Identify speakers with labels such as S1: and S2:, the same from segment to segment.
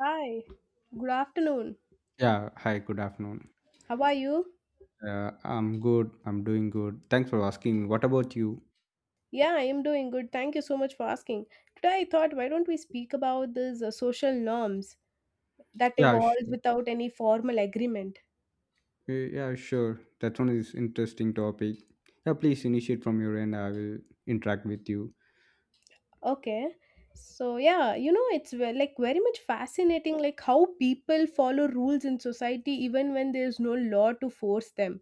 S1: Hi, good afternoon.
S2: Yeah, hi, good afternoon.
S1: How are you?
S2: I'm good. I'm doing good. Thanks for asking. What about you?
S1: Yeah, I am doing good. Thank you so much for asking. Today, I thought, why don't we speak about these social norms that
S2: Yeah,
S1: evolve
S2: sure.
S1: without any formal agreement?
S2: Uh, Yeah, sure. That one is interesting topic. Yeah, please initiate from your end. I will interact with you.
S1: Okay. So yeah, it's like very much fascinating, like how people follow rules in society even when there's no law to force them.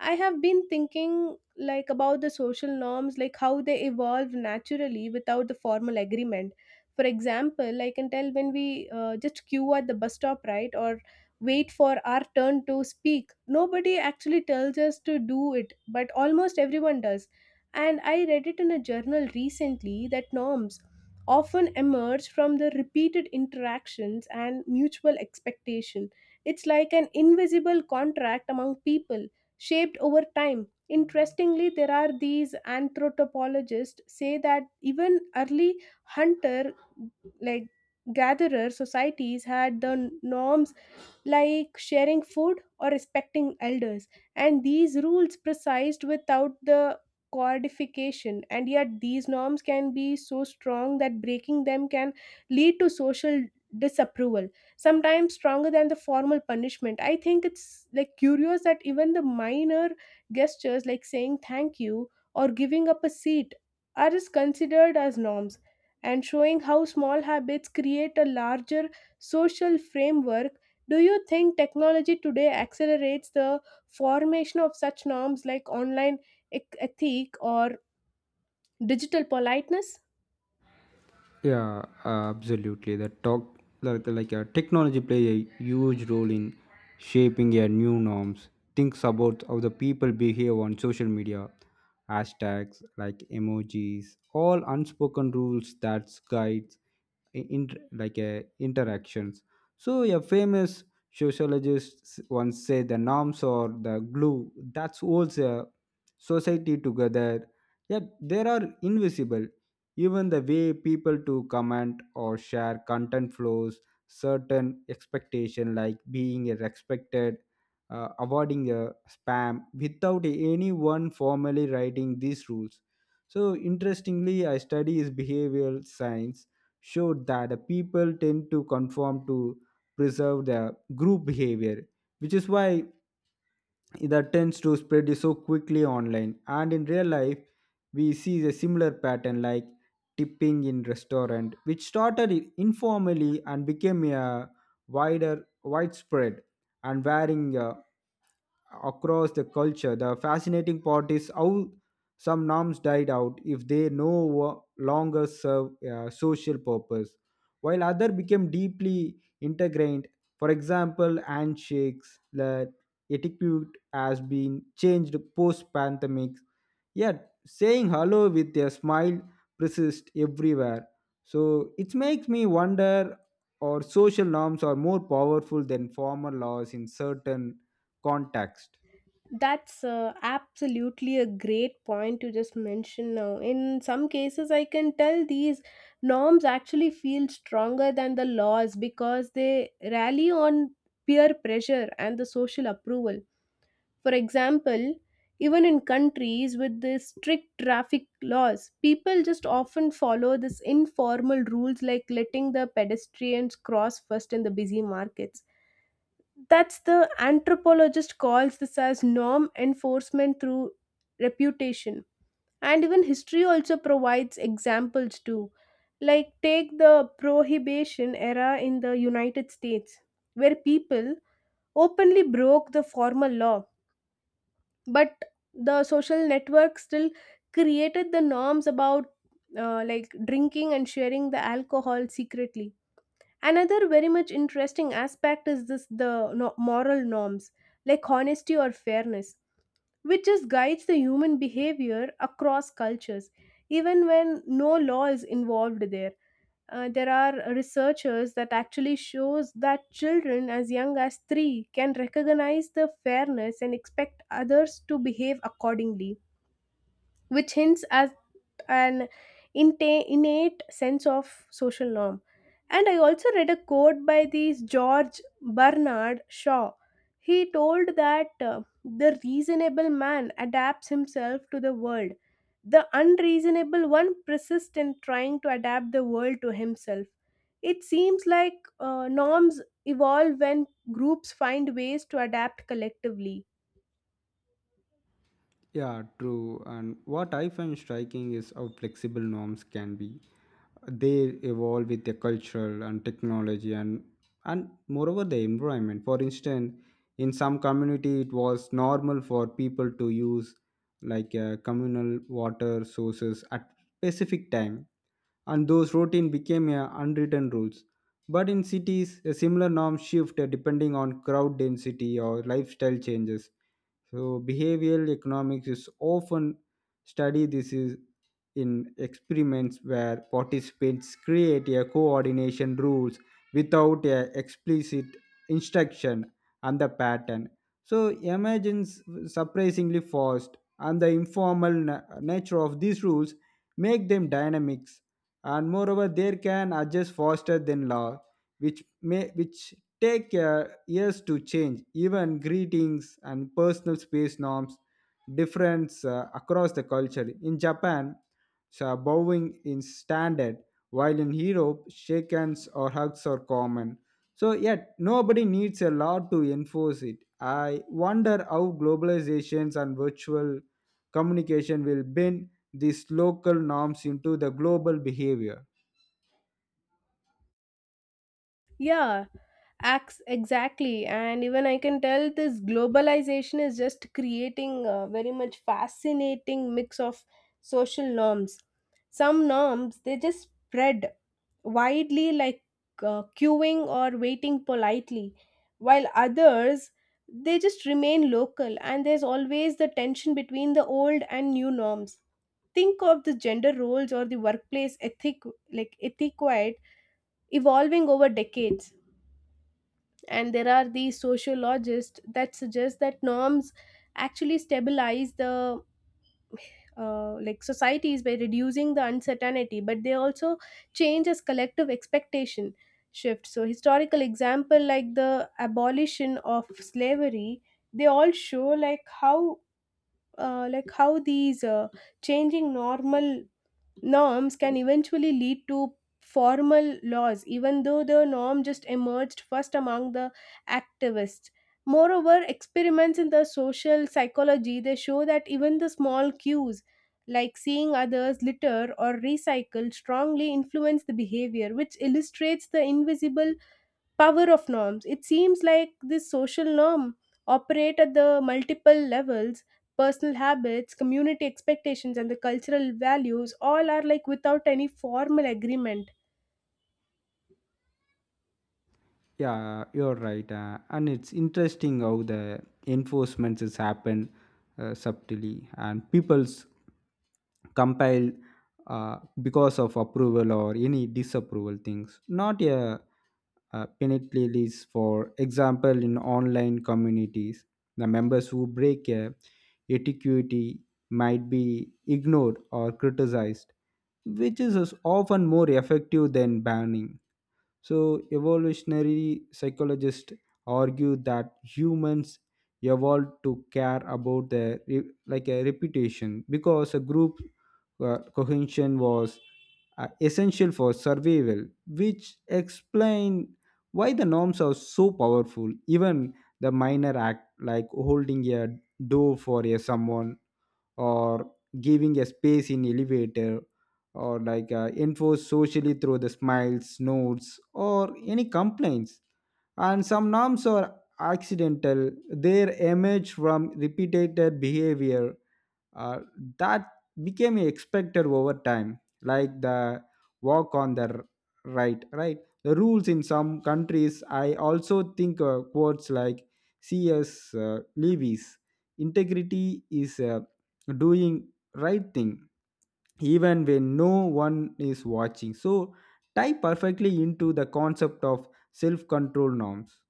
S1: I have been thinking like about the social norms, like how they evolve naturally without the formal agreement. For example, I can tell when we just queue at the bus stop, right, or wait for our turn to speak. Nobody actually tells us to do it, but almost everyone does. And I read it in a journal recently that norms often emerge from the repeated interactions and mutual expectation. It's like an invisible contract among people, shaped over time. Interestingly, there are these anthropologists say that even early hunter like gatherer societies had the norms like sharing food or respecting elders. And these rules precised without the codification, and yet these norms can be so strong that breaking them can lead to social disapproval, sometimes stronger than the formal punishment. I think it's like curious that even the minor gestures like saying thank you or giving up a seat are just considered as norms, and showing how small habits create a larger social framework. Do you think technology today accelerates the formation of such norms like online ethic or digital politeness?
S2: Yeah, absolutely. The talk like technology play a huge role in shaping your new norms. Think about how the people behave on social media, hashtags like emojis, all unspoken rules that guides interactions. So a famous sociologist once said the norms are the glue that holds a society together. Yet there are invisible even the way people to comment or share content flows certain expectation like being a respected, avoiding a spam without anyone formally writing these rules. So interestingly, I study is behavioral science showed that the people tend to conform to preserve the group behavior, which is why that tends to spread so quickly online and in real life we see a similar pattern like tipping in restaurant which started informally and became a wider widespread and varying across the culture. The fascinating part is how some norms died out if they no longer serve a social purpose, while others became deeply integrated. For example, handshakes, the etiquette has been changed post pandemic, yet saying hello with a smile persists everywhere. So it makes me wonder or social norms are more powerful than formal laws in certain context.
S1: That's absolutely a great point to just mention now. In some cases, I can tell these norms actually feel stronger than the laws because they rally on peer pressure and the social approval. For example, even in countries with the strict traffic laws, people just often follow this informal rules like letting the pedestrians cross first in the busy markets. That's the anthropologist calls this as norm enforcement through reputation. And even history also provides examples too. Like take the prohibition era in the United States, where people openly broke the formal law, but the social network still created the norms about like drinking and sharing the alcohol secretly. Another very much interesting aspect is this the moral norms like honesty or fairness, which just guides the human behavior across cultures even when no law is involved there. There are researchers that actually shows that children as young as 3 can recognize the fairness and expect others to behave accordingly, which hints as an innate sense of social norm. And I also read a quote by this George Bernard Shaw. He told that the reasonable man adapts himself to the world. The unreasonable one persists in trying to adapt the world to himself. It seems like norms evolve when groups find ways to adapt collectively.
S2: Yeah, true. And what I find striking is how flexible norms can be. They evolve with the cultural and technology and moreover the environment. For instance, in some community it was normal for people to use communal water sources at specific time and those routine became unwritten rules. But in cities, a similar norm shift depending on crowd density or lifestyle changes. So behavioral economics is often study this is in experiments where participants create a coordination rules without a explicit instruction and the pattern. So emergence surprisingly fast and the informal nature of these rules make them dynamic and moreover they can adjust faster than law which take years to change even greetings and personal space norms difference across the culture in Japan so bowing is standard while in Europe shake hands or hugs are common so yet nobody needs a law to enforce it. I wonder how globalizations and virtual communication will bend these local norms into the global behavior.
S1: Yeah, acts exactly, and even I can tell this globalization is just creating a very much fascinating mix of social norms. Some norms they just spread widely, like queuing or waiting politely, while others they just remain local, and there's always the tension between the old and new norms. Think of the gender roles or the workplace ethic, like etiquette, evolving over decades. And there are these sociologists that suggest that norms actually stabilize the like societies by reducing the uncertainty, but they also change as collective expectation shift. So historical example like the abolition of slavery, they all show like how these changing normal norms can eventually lead to formal laws, even though the norm just emerged first among the activists. Moreover, experiments in the social psychology they show that even the small cues like seeing others litter or recycle strongly influence the behavior, which illustrates the invisible power of norms. It seems like this social norm operate at the multiple levels: personal habits, community expectations, and the cultural values, all are like without any formal agreement.
S2: Yeah, you're right. And it's interesting how the enforcements has happened subtly and people's compile because of approval or any disapproval things not a, penalty list. For example, in online communities the members who break a etiquette might be ignored or criticized, which is as often more effective than banning. So, evolutionary psychologists argue that humans evolved to care about their like a reputation because a group cohesion was essential for survival, which explain why the norms are so powerful. Even the minor act like holding a door for a someone or giving a space in elevator or enforced socially through the smiles nods, or any complaints. And some norms are accidental. They emerge from repeated behavior uh, that became expected over time like the walk on the right the rules in some countries. I also think quotes like CS Levy's integrity is doing right thing even when no one is watching so tie perfectly into the concept of self control norms.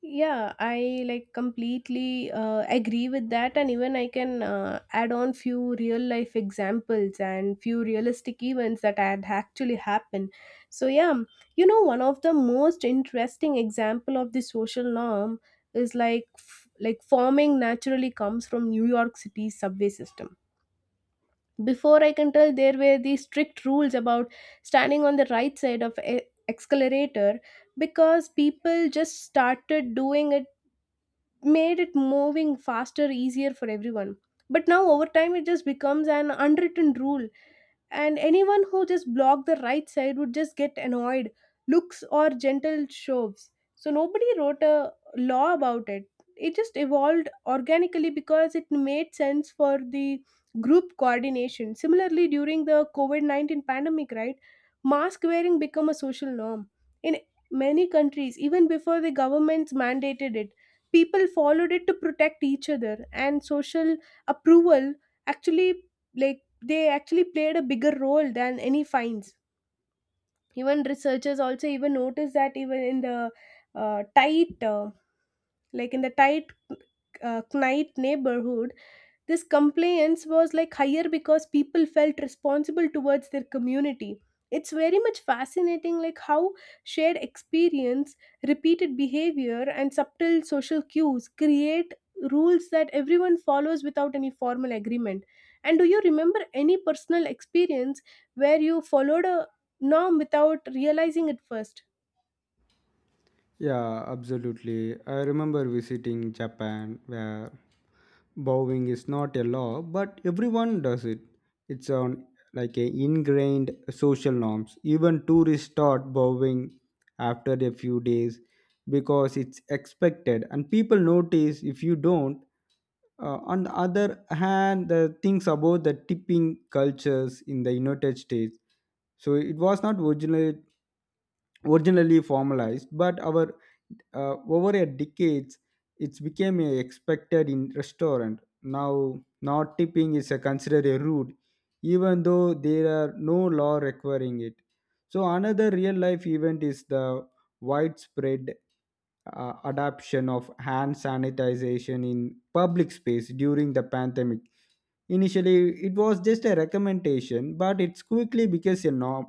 S1: Yeah, I like completely agree with that, and even I can add on few real life examples and few realistic events that had actually happened. So yeah, you know, one of the most interesting example of the social norm is like like farming naturally comes from New York City's subway system. Before I can tell there were these strict rules about standing on the right side of a escalator because people just started doing it, made it moving faster, easier for everyone. But now over time it just becomes an unwritten rule, and anyone who just blocked the right side would just get annoyed looks or gentle shoves. So nobody wrote a law about it, it just evolved organically because it made sense for the group coordination. Similarly, during the covid-19 pandemic, right, mask wearing became a social norm in many countries even before the governments mandated it. People followed it to protect each other, and social approval actually, like, they actually played a bigger role than any fines. Even researchers also even noticed that even in the tight, like in the tight night neighborhood, this compliance was like higher because people felt responsible towards their community. It's very much fascinating like how shared experience, repeated behavior, and subtle social cues create rules that everyone follows without any formal agreement. And do you remember any personal experience where you followed a norm without realizing it first?
S2: Yeah, absolutely. I remember visiting Japan where bowing is not a law, but everyone does it. It's on like a ingrained social norms. Even tourists start bowing after a few days because it's expected and people notice if you don't. On the other hand, the things about the tipping cultures in the United States. So it was not originally formalized, but our over a decades, it's became a expected in restaurant. Now, not tipping is a considered a rude, even though there are no law requiring it. So another real life event is the widespread adoption of hand sanitization in public space during the pandemic. Initially, it was just a recommendation, but it's quickly became a norm,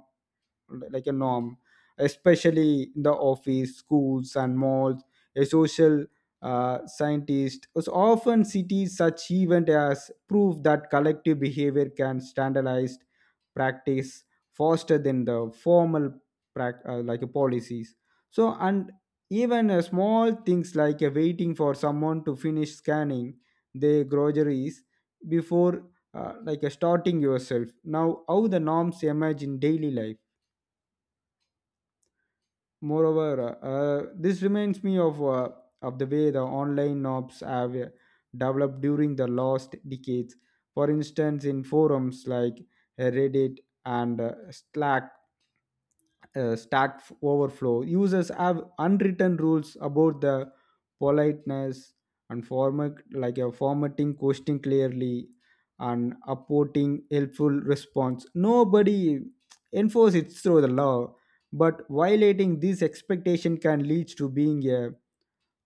S2: like a norm especially in the office schools and malls. A social scientist was often cities such event as proof that collective behavior can standardized practice faster than the formal like a policies. So and even small things like waiting for someone to finish scanning their groceries before starting yourself now how the norms emerge in daily life. Moreover, this reminds me of the way the online knobs have developed during the last decades. For instance, in forums like Reddit and Slack, Stack Overflow, users have unwritten rules about the politeness and format, like a formatting question clearly and upvoting helpful response. Nobody enforces it through the law, but violating this expectation can lead to being a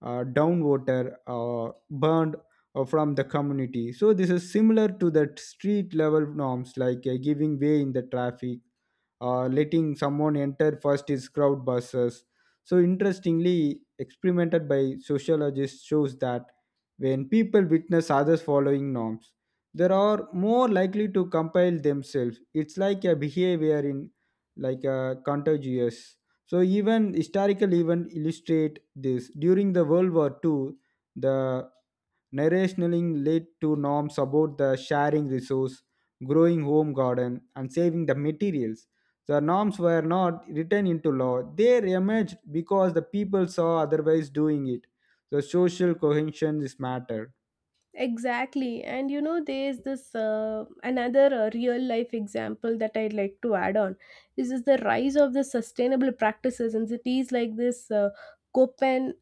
S2: downwater burned from the community. So this is similar to the street level norms like giving way in the traffic, letting someone enter first is crowd buses. So interestingly, experimented by sociologists shows that when people witness others following norms, they are more likely to compile themselves. It's like a behavior in like a contagious. So even historical events illustrate this. During the World War Two, the narrationing led to norms about the sharing resource, growing home garden, and saving the materials. The norms were not written into law. They emerged because the people saw otherwise doing it. The social cohesion is matter.
S1: Exactly. And you know, there's this another real life example that I'd like to add on. This is the rise of the sustainable practices in cities like this Copenhagen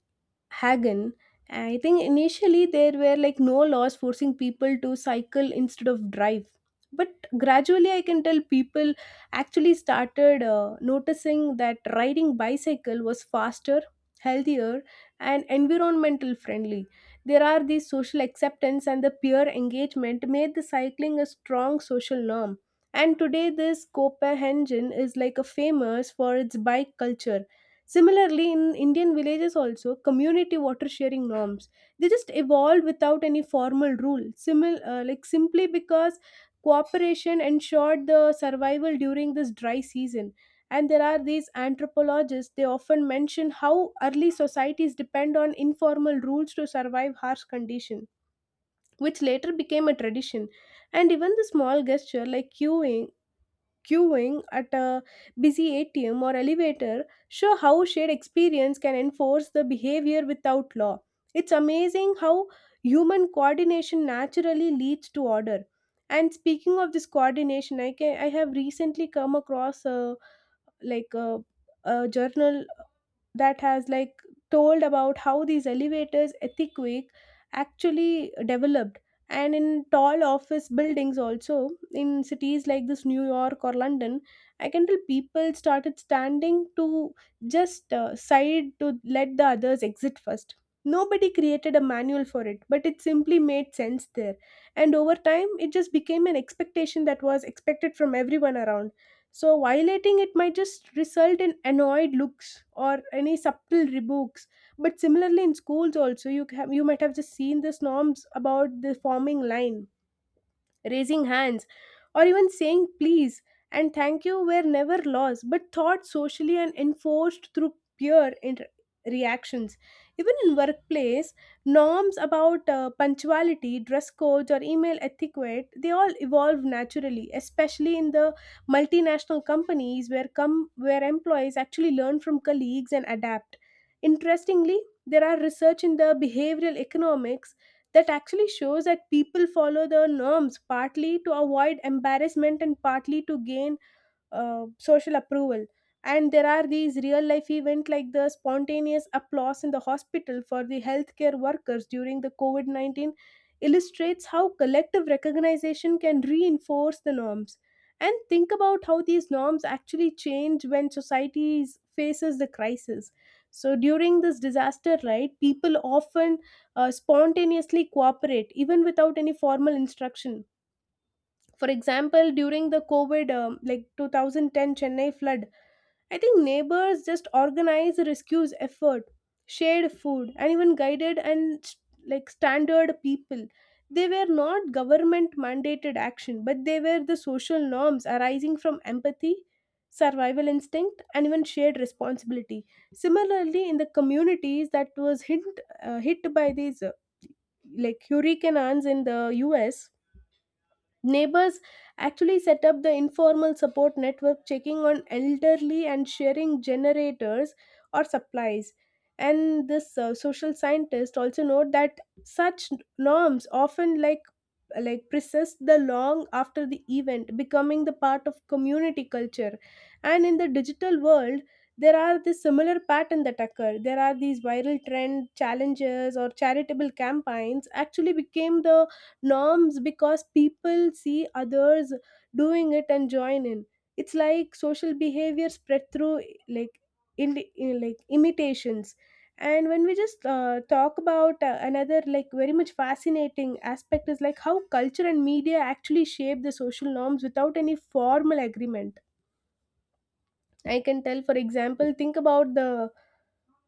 S1: Hagen. I think initially there were like no laws forcing people to cycle instead of drive. But gradually, I can tell people actually started noticing that riding bicycle was faster, healthier, and environmental friendly. There are these social acceptance and the peer engagement made the cycling a strong social norm. And today, this Copenhagen is like a famous for its bike culture. Similarly, in Indian villages also, community water sharing norms they just evolved without any formal rule. Like simply because cooperation ensured the survival during this dry season. And there are these anthropologists. They often mention how early societies depend on informal rules to survive harsh condition, which later became a tradition. And even the small gesture like queuing at a busy ATM or elevator show how shared experience can enforce the behavior without law. It's amazing how human coordination naturally leads to order. And speaking of this coordination, I can I have recently come across a like a journal that has like told about how these elevators earthquake actually developed. And in tall office buildings also in cities like this New York or London, I can tell people started standing to just side to let the others exit first. Nobody created a manual for it, but it simply made sense there, and over time it just became an expectation that was expected from everyone around. So violating it might just result in annoyed looks or any subtle rebukes. But similarly in schools also, you have, you might have just seen these norms about the forming line, raising hands, or even saying please and thank you were never laws but taught socially and enforced through peer reactions. Even in workplace, norms about punctuality, dress codes, or email etiquette they all evolve naturally, especially in the multinational companies where come where employees actually learn from colleagues and adapt. Interestingly, there are research in the behavioral economics that actually shows that people follow the norms partly to avoid embarrassment and partly to gain social approval. And there are these real life events like the spontaneous applause in the hospital for the healthcare workers during the covid-19 illustrates how collective recognition can reinforce the norms. And think about how these norms actually change when society faces the crisis. So during this disaster, right, people often spontaneously cooperate even without any formal instruction. For example, during the covid like 2010 Chennai flood, I think neighbors just organized rescue effort, shared food, and even guided and like standard people. They were not government mandated action, but they were the social norms arising from empathy, survival instinct, and even shared responsibility. Similarly in the communities that was hit hit by these like hurricanes in the US, neighbors actually set up the informal support network, checking on elderly and sharing generators or supplies. And this social scientist also note that such norms often like persist the long after the event, becoming the part of community culture. And in the digital world, there are this similar pattern that occur. There are these viral trend challenges or charitable campaigns actually became the norms because people see others doing it and join in. It's like social behavior spread through, like, in like imitations. And when we just talk about another like very much fascinating aspect is like how culture and media actually shape the social norms without any formal agreement. I can tell, for example, think about the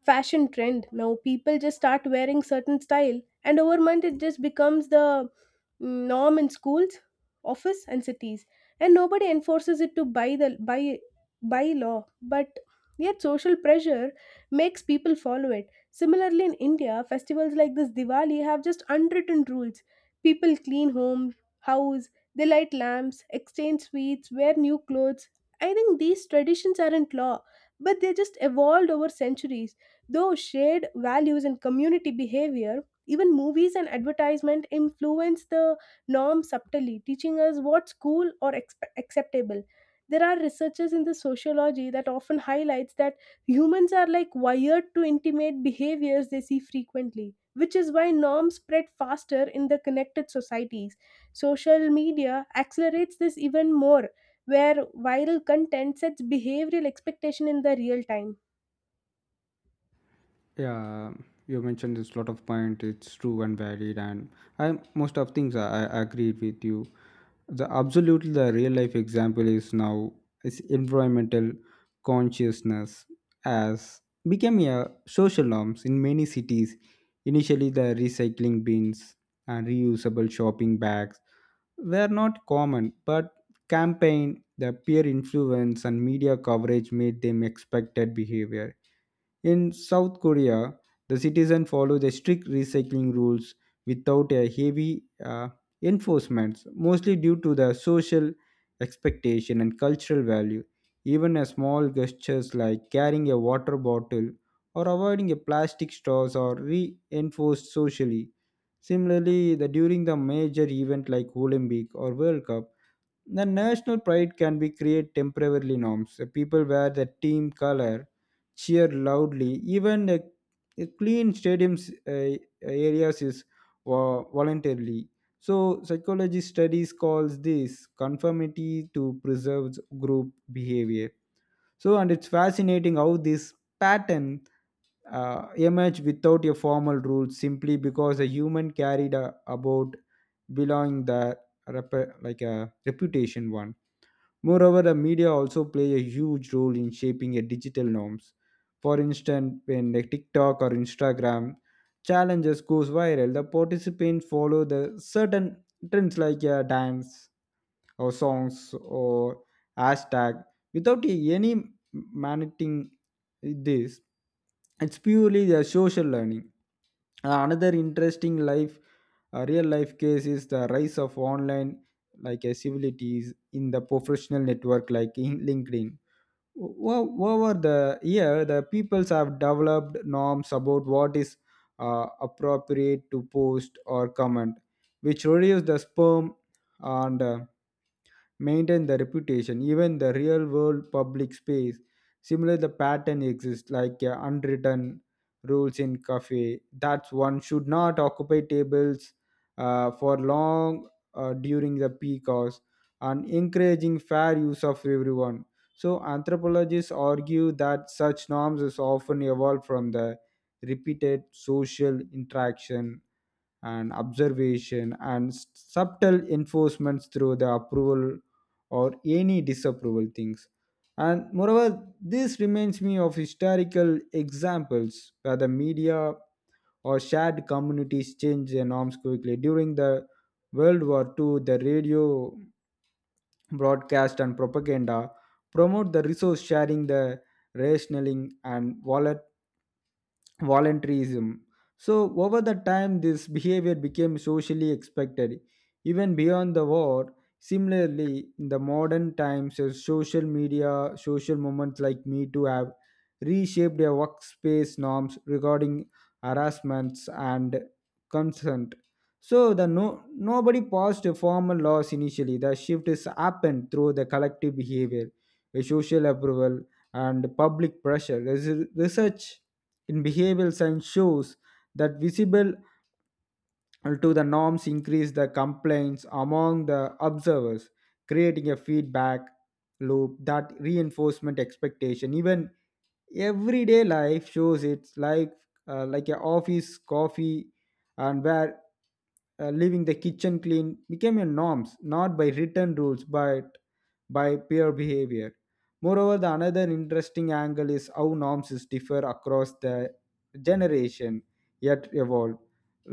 S1: fashion trend. Now people just start wearing certain style and over month it just becomes the norm in schools, office, and cities, and nobody enforces it to by by law, but yet social pressure makes people follow it. Similarly, in India festivals like this Diwali have just unwritten rules. People clean home, house, they light lamps, exchange sweets, wear new clothes. I think these traditions aren't law, but they just evolved over centuries. Though shared values and community behavior, even movies and advertisement influence the norm subtly, teaching us what's cool or acceptable. There are researchers in the sociology that often highlights that humans are like wired to intimate behaviors they see frequently, which is why norms spread faster in the connected societies. Social media accelerates this even more, where viral content sets behavioral expectation in the real time.
S2: Yeah, you mentioned this lot of point. It's true and valid, and I most of things I agreed with you. The absolutely the real life example is now is environmental consciousness as became a social norms in many cities. Initially, the recycling bins and reusable shopping bags were not common, but campaign, the peer influence, and media coverage made them expected behavior in South Korea, the citizens follow the strict recycling rules without a heavy enforcement, mostly due to the social expectation and cultural value. Even a small gestures like carrying a water bottle or avoiding a plastic straws are reinforced socially. Similarly, the, during the major event like Olympic or World Cup, the national pride can be create temporarily norms. The people wear the team color cheer loudly. Even a clean stadiums areas is voluntarily. So psychology studies calls this conformity to preserves group behavior. So and it's fascinating how this pattern emerge without a formal rule simply because a human carried a, about belonging the like a reputation one. Moreover, the media also play a huge role in shaping a digital norms. For instance, when a TikTok or Instagram challenges goes viral, the participants follow the certain trends like a dance, or songs or hashtag without any managing this it's purely the social learning. Another interesting life real life case is the rise of online civilities in the professional network like in LinkedIn. Over the year the peoples have developed norms about what is appropriate to post or comment which reduce the spam and maintain the reputation even the real world public space similar the pattern exists like unwritten rules in cafe. That's one should not occupy tables for long during the peak hours and encouraging fair use of everyone. So anthropologists argue that such norms is often evolved from the repeated social interaction and observation and subtle enforcements through the approval or any disapproval things. And moreover this reminds me of historical examples where the media or shared communities change their norms quickly during the World War II the radio broadcast and propaganda promote the resource sharing the rationing and wallet voluntarism. So, over the time, this behavior became socially expected. Even beyond the war, similarly, in the modern times, as social media, social movements like Me Too have reshaped their workspace norms regarding harassments and consent. So, the no, nobody passed a formal laws initially. The shift has happened through the collective behavior, a social approval, and public pressure. Research in behavioral science shows that visible to the norms increase the complaints among the observers creating a feedback loop that reinforcement expectation. Even everyday life shows it's like a office coffee and where leaving the kitchen clean became a norms not by written rules but by peer behavior. Moreover the another interesting angle is how norms is differ across the generation yet evolve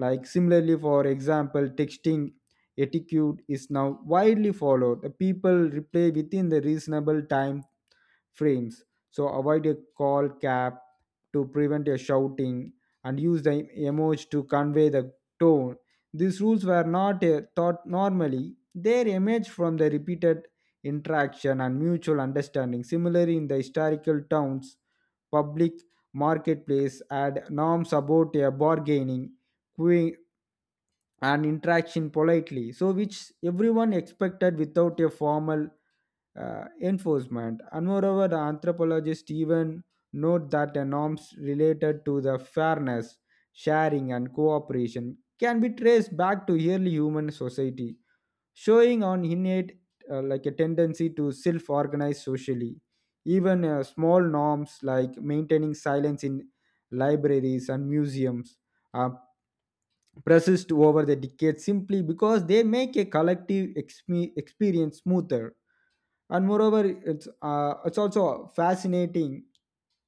S2: like similarly for example texting etiquette is now widely followed the people reply within the reasonable time frames so avoid a call cap to prevent a shouting and use the emoji to convey the tone. These rules were not taught normally. They emerged from the repeated interaction and mutual understanding. Similarly, in the historical towns, public marketplace had norms about a bargaining, queuing, and interaction politely, so which everyone expected without a formal enforcement. And moreover, anthropologists even note that the norms related to the fairness, sharing, and cooperation can be traced back to early human society, showing an innate like a tendency to self-organize socially. Even small norms like maintaining silence in libraries and museums uh, persist over the decades simply because they make a collective experience smoother. And moreover it's also fascinating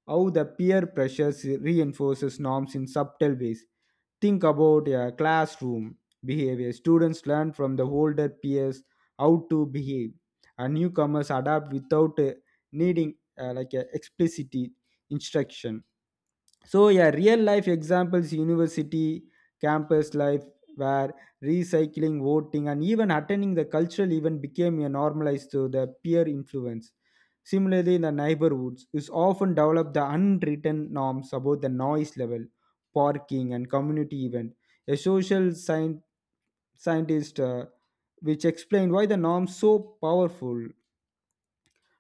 S2: how the peer pressures reinforces norms in subtle ways. Think about a classroom behavior students learn from the older peers how to behave and newcomers adapt without needing like a explicit instruction. So yeah real life examples university campus life where recycling voting and even attending the cultural event became a normalized through the peer influence. Similarly in the neighborhoods is often developed the unwritten norms about the noise level parking and community event. A social science scientist which explained why the norms so powerful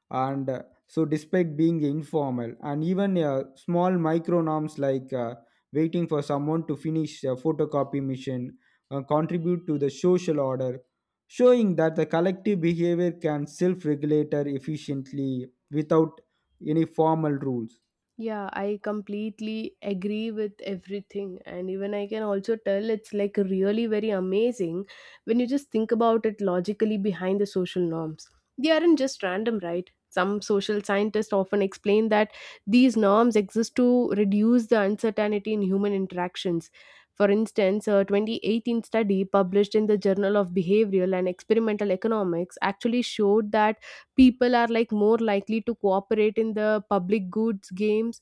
S2: and so despite being informal and even small micro norms like waiting for someone to finish a photocopy mission contribute to the social order showing that the collective behavior can self-regulate efficiently without any formal rules.
S1: Yeah, I completely agree with everything. And even I can also tell it's like really very amazing when you just think about it logically behind the social norms. They aren't just random, right? Some social scientists often explain that these norms exist to reduce the uncertainty in human interactions. For instance, a 2018 study published in the Journal of Behavioral and Experimental Economics actually showed that people are like more likely to cooperate in the public goods games,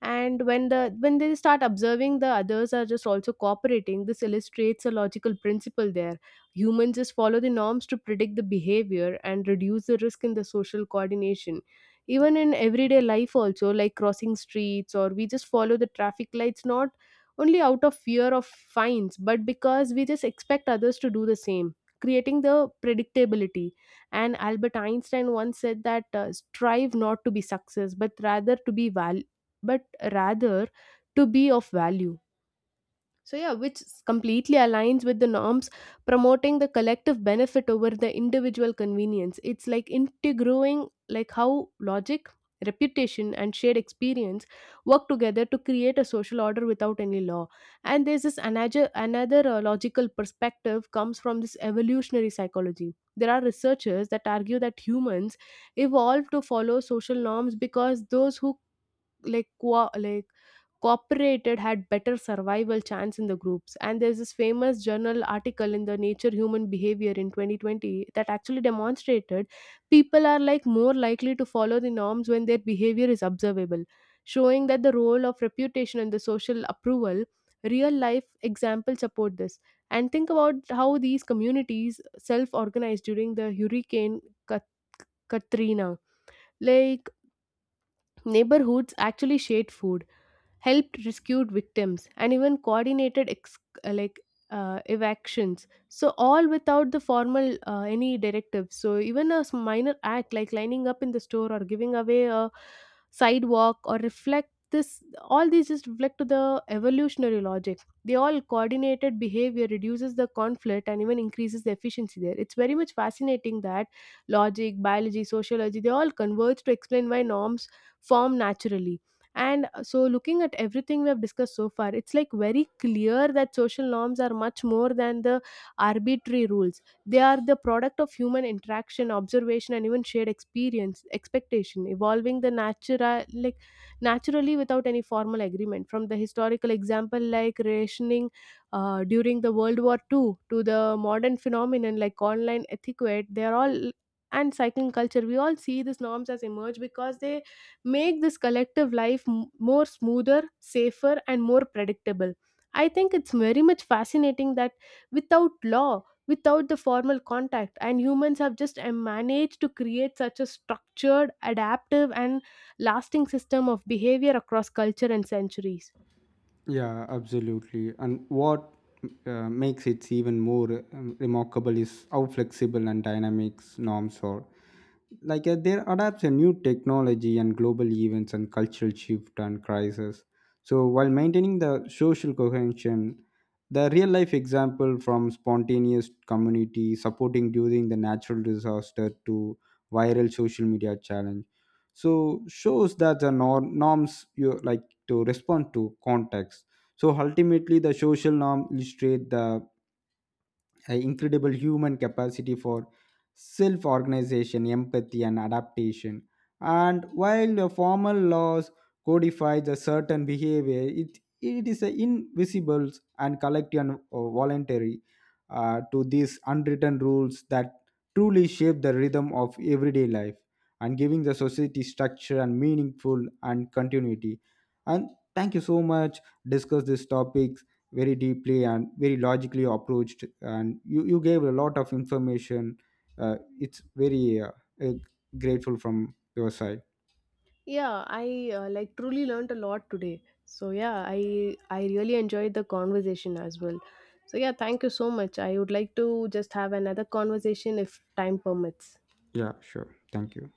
S1: and when they start observing the others are just also cooperating. This illustrates a logical principle there. Humans just follow the norms to predict the behavior and reduce the risk in the social coordination. Even in everyday life also, like crossing streets, or we just follow the traffic lights not only out of fear of fines, but because we just expect others to do the same, creating the predictability. And Albert Einstein once said that, strive not to be success but rather to be valued, but rather to be of value. So, yeah, which completely aligns with the norms promoting the collective benefit over the individual convenience. It's like integrating like how logic, reputation, and shared experience work together to create a social order without any law. And there's this another logical perspective comes from this evolutionary psychology. There are researchers that argue that humans evolved to follow social norms because those who like qua like cooperated had better survival chance in the groups. And there's this famous journal article in the Nature Human Behavior in 2020 that actually demonstrated people are like more likely to follow the norms when their behavior is observable, showing that the role of reputation and the social approval. Real life examples support this. And think about how these communities self organized during the hurricane Ka- Katrina. Like neighborhoods actually shared food, helped rescued victims, and even coordinated uh, like evictions, so all without the formal any directive. So even a minor act like lining up in the store or giving away a sidewalk or reflect this, all these just reflect to the evolutionary logic. They all coordinated behavior reduces the conflict and even increases the efficiency there. It's very much fascinating that logic, biology, sociology, they all converge to explain why norms form naturally. And so, looking at everything we have discussed so far, it's like very clear that social norms are much more than the arbitrary rules. They are the product of human interaction, observation, and even shared experience, expectation, evolving the naturally without any formal agreement. From the historical example like rationing during the World War Two to the modern phenomenon like online etiquette, they are all and cycling culture. We all see these norms as emerge because they make this collective life more smoother, safer, and more predictable. I think it's very much fascinating that without law, without the formal contact, and humans have just managed to create such a structured, adaptive, and lasting system of behavior across culture and centuries.
S2: Yeah, absolutely. And what makes it even more remarkable is how flexible and dynamic norms are. There adapts a new technology and global events and cultural shift and crisis so while maintaining the social cohesion the real life example from spontaneous community supporting during the natural disaster to viral social media challenge so shows that the norms you like to respond to context so ultimately the social norm illustrate the a incredible human capacity for self organization, empathy, and adaptation. And while the formal laws codify a certain behavior, it is a invisible and collective and voluntary to these unwritten rules that truly shape the rhythm of everyday life and giving the society structure and meaningful and continuity. And thank you so much. Discuss this topic very deeply and very logically approached and you gave a lot of information it's very uh, grateful from your side
S1: Yeah, I like truly learned a lot today. So yeah, I really enjoyed the conversation as well. So yeah, thank you so much. I would like to just have another conversation if time permits.
S2: yeah sure thank you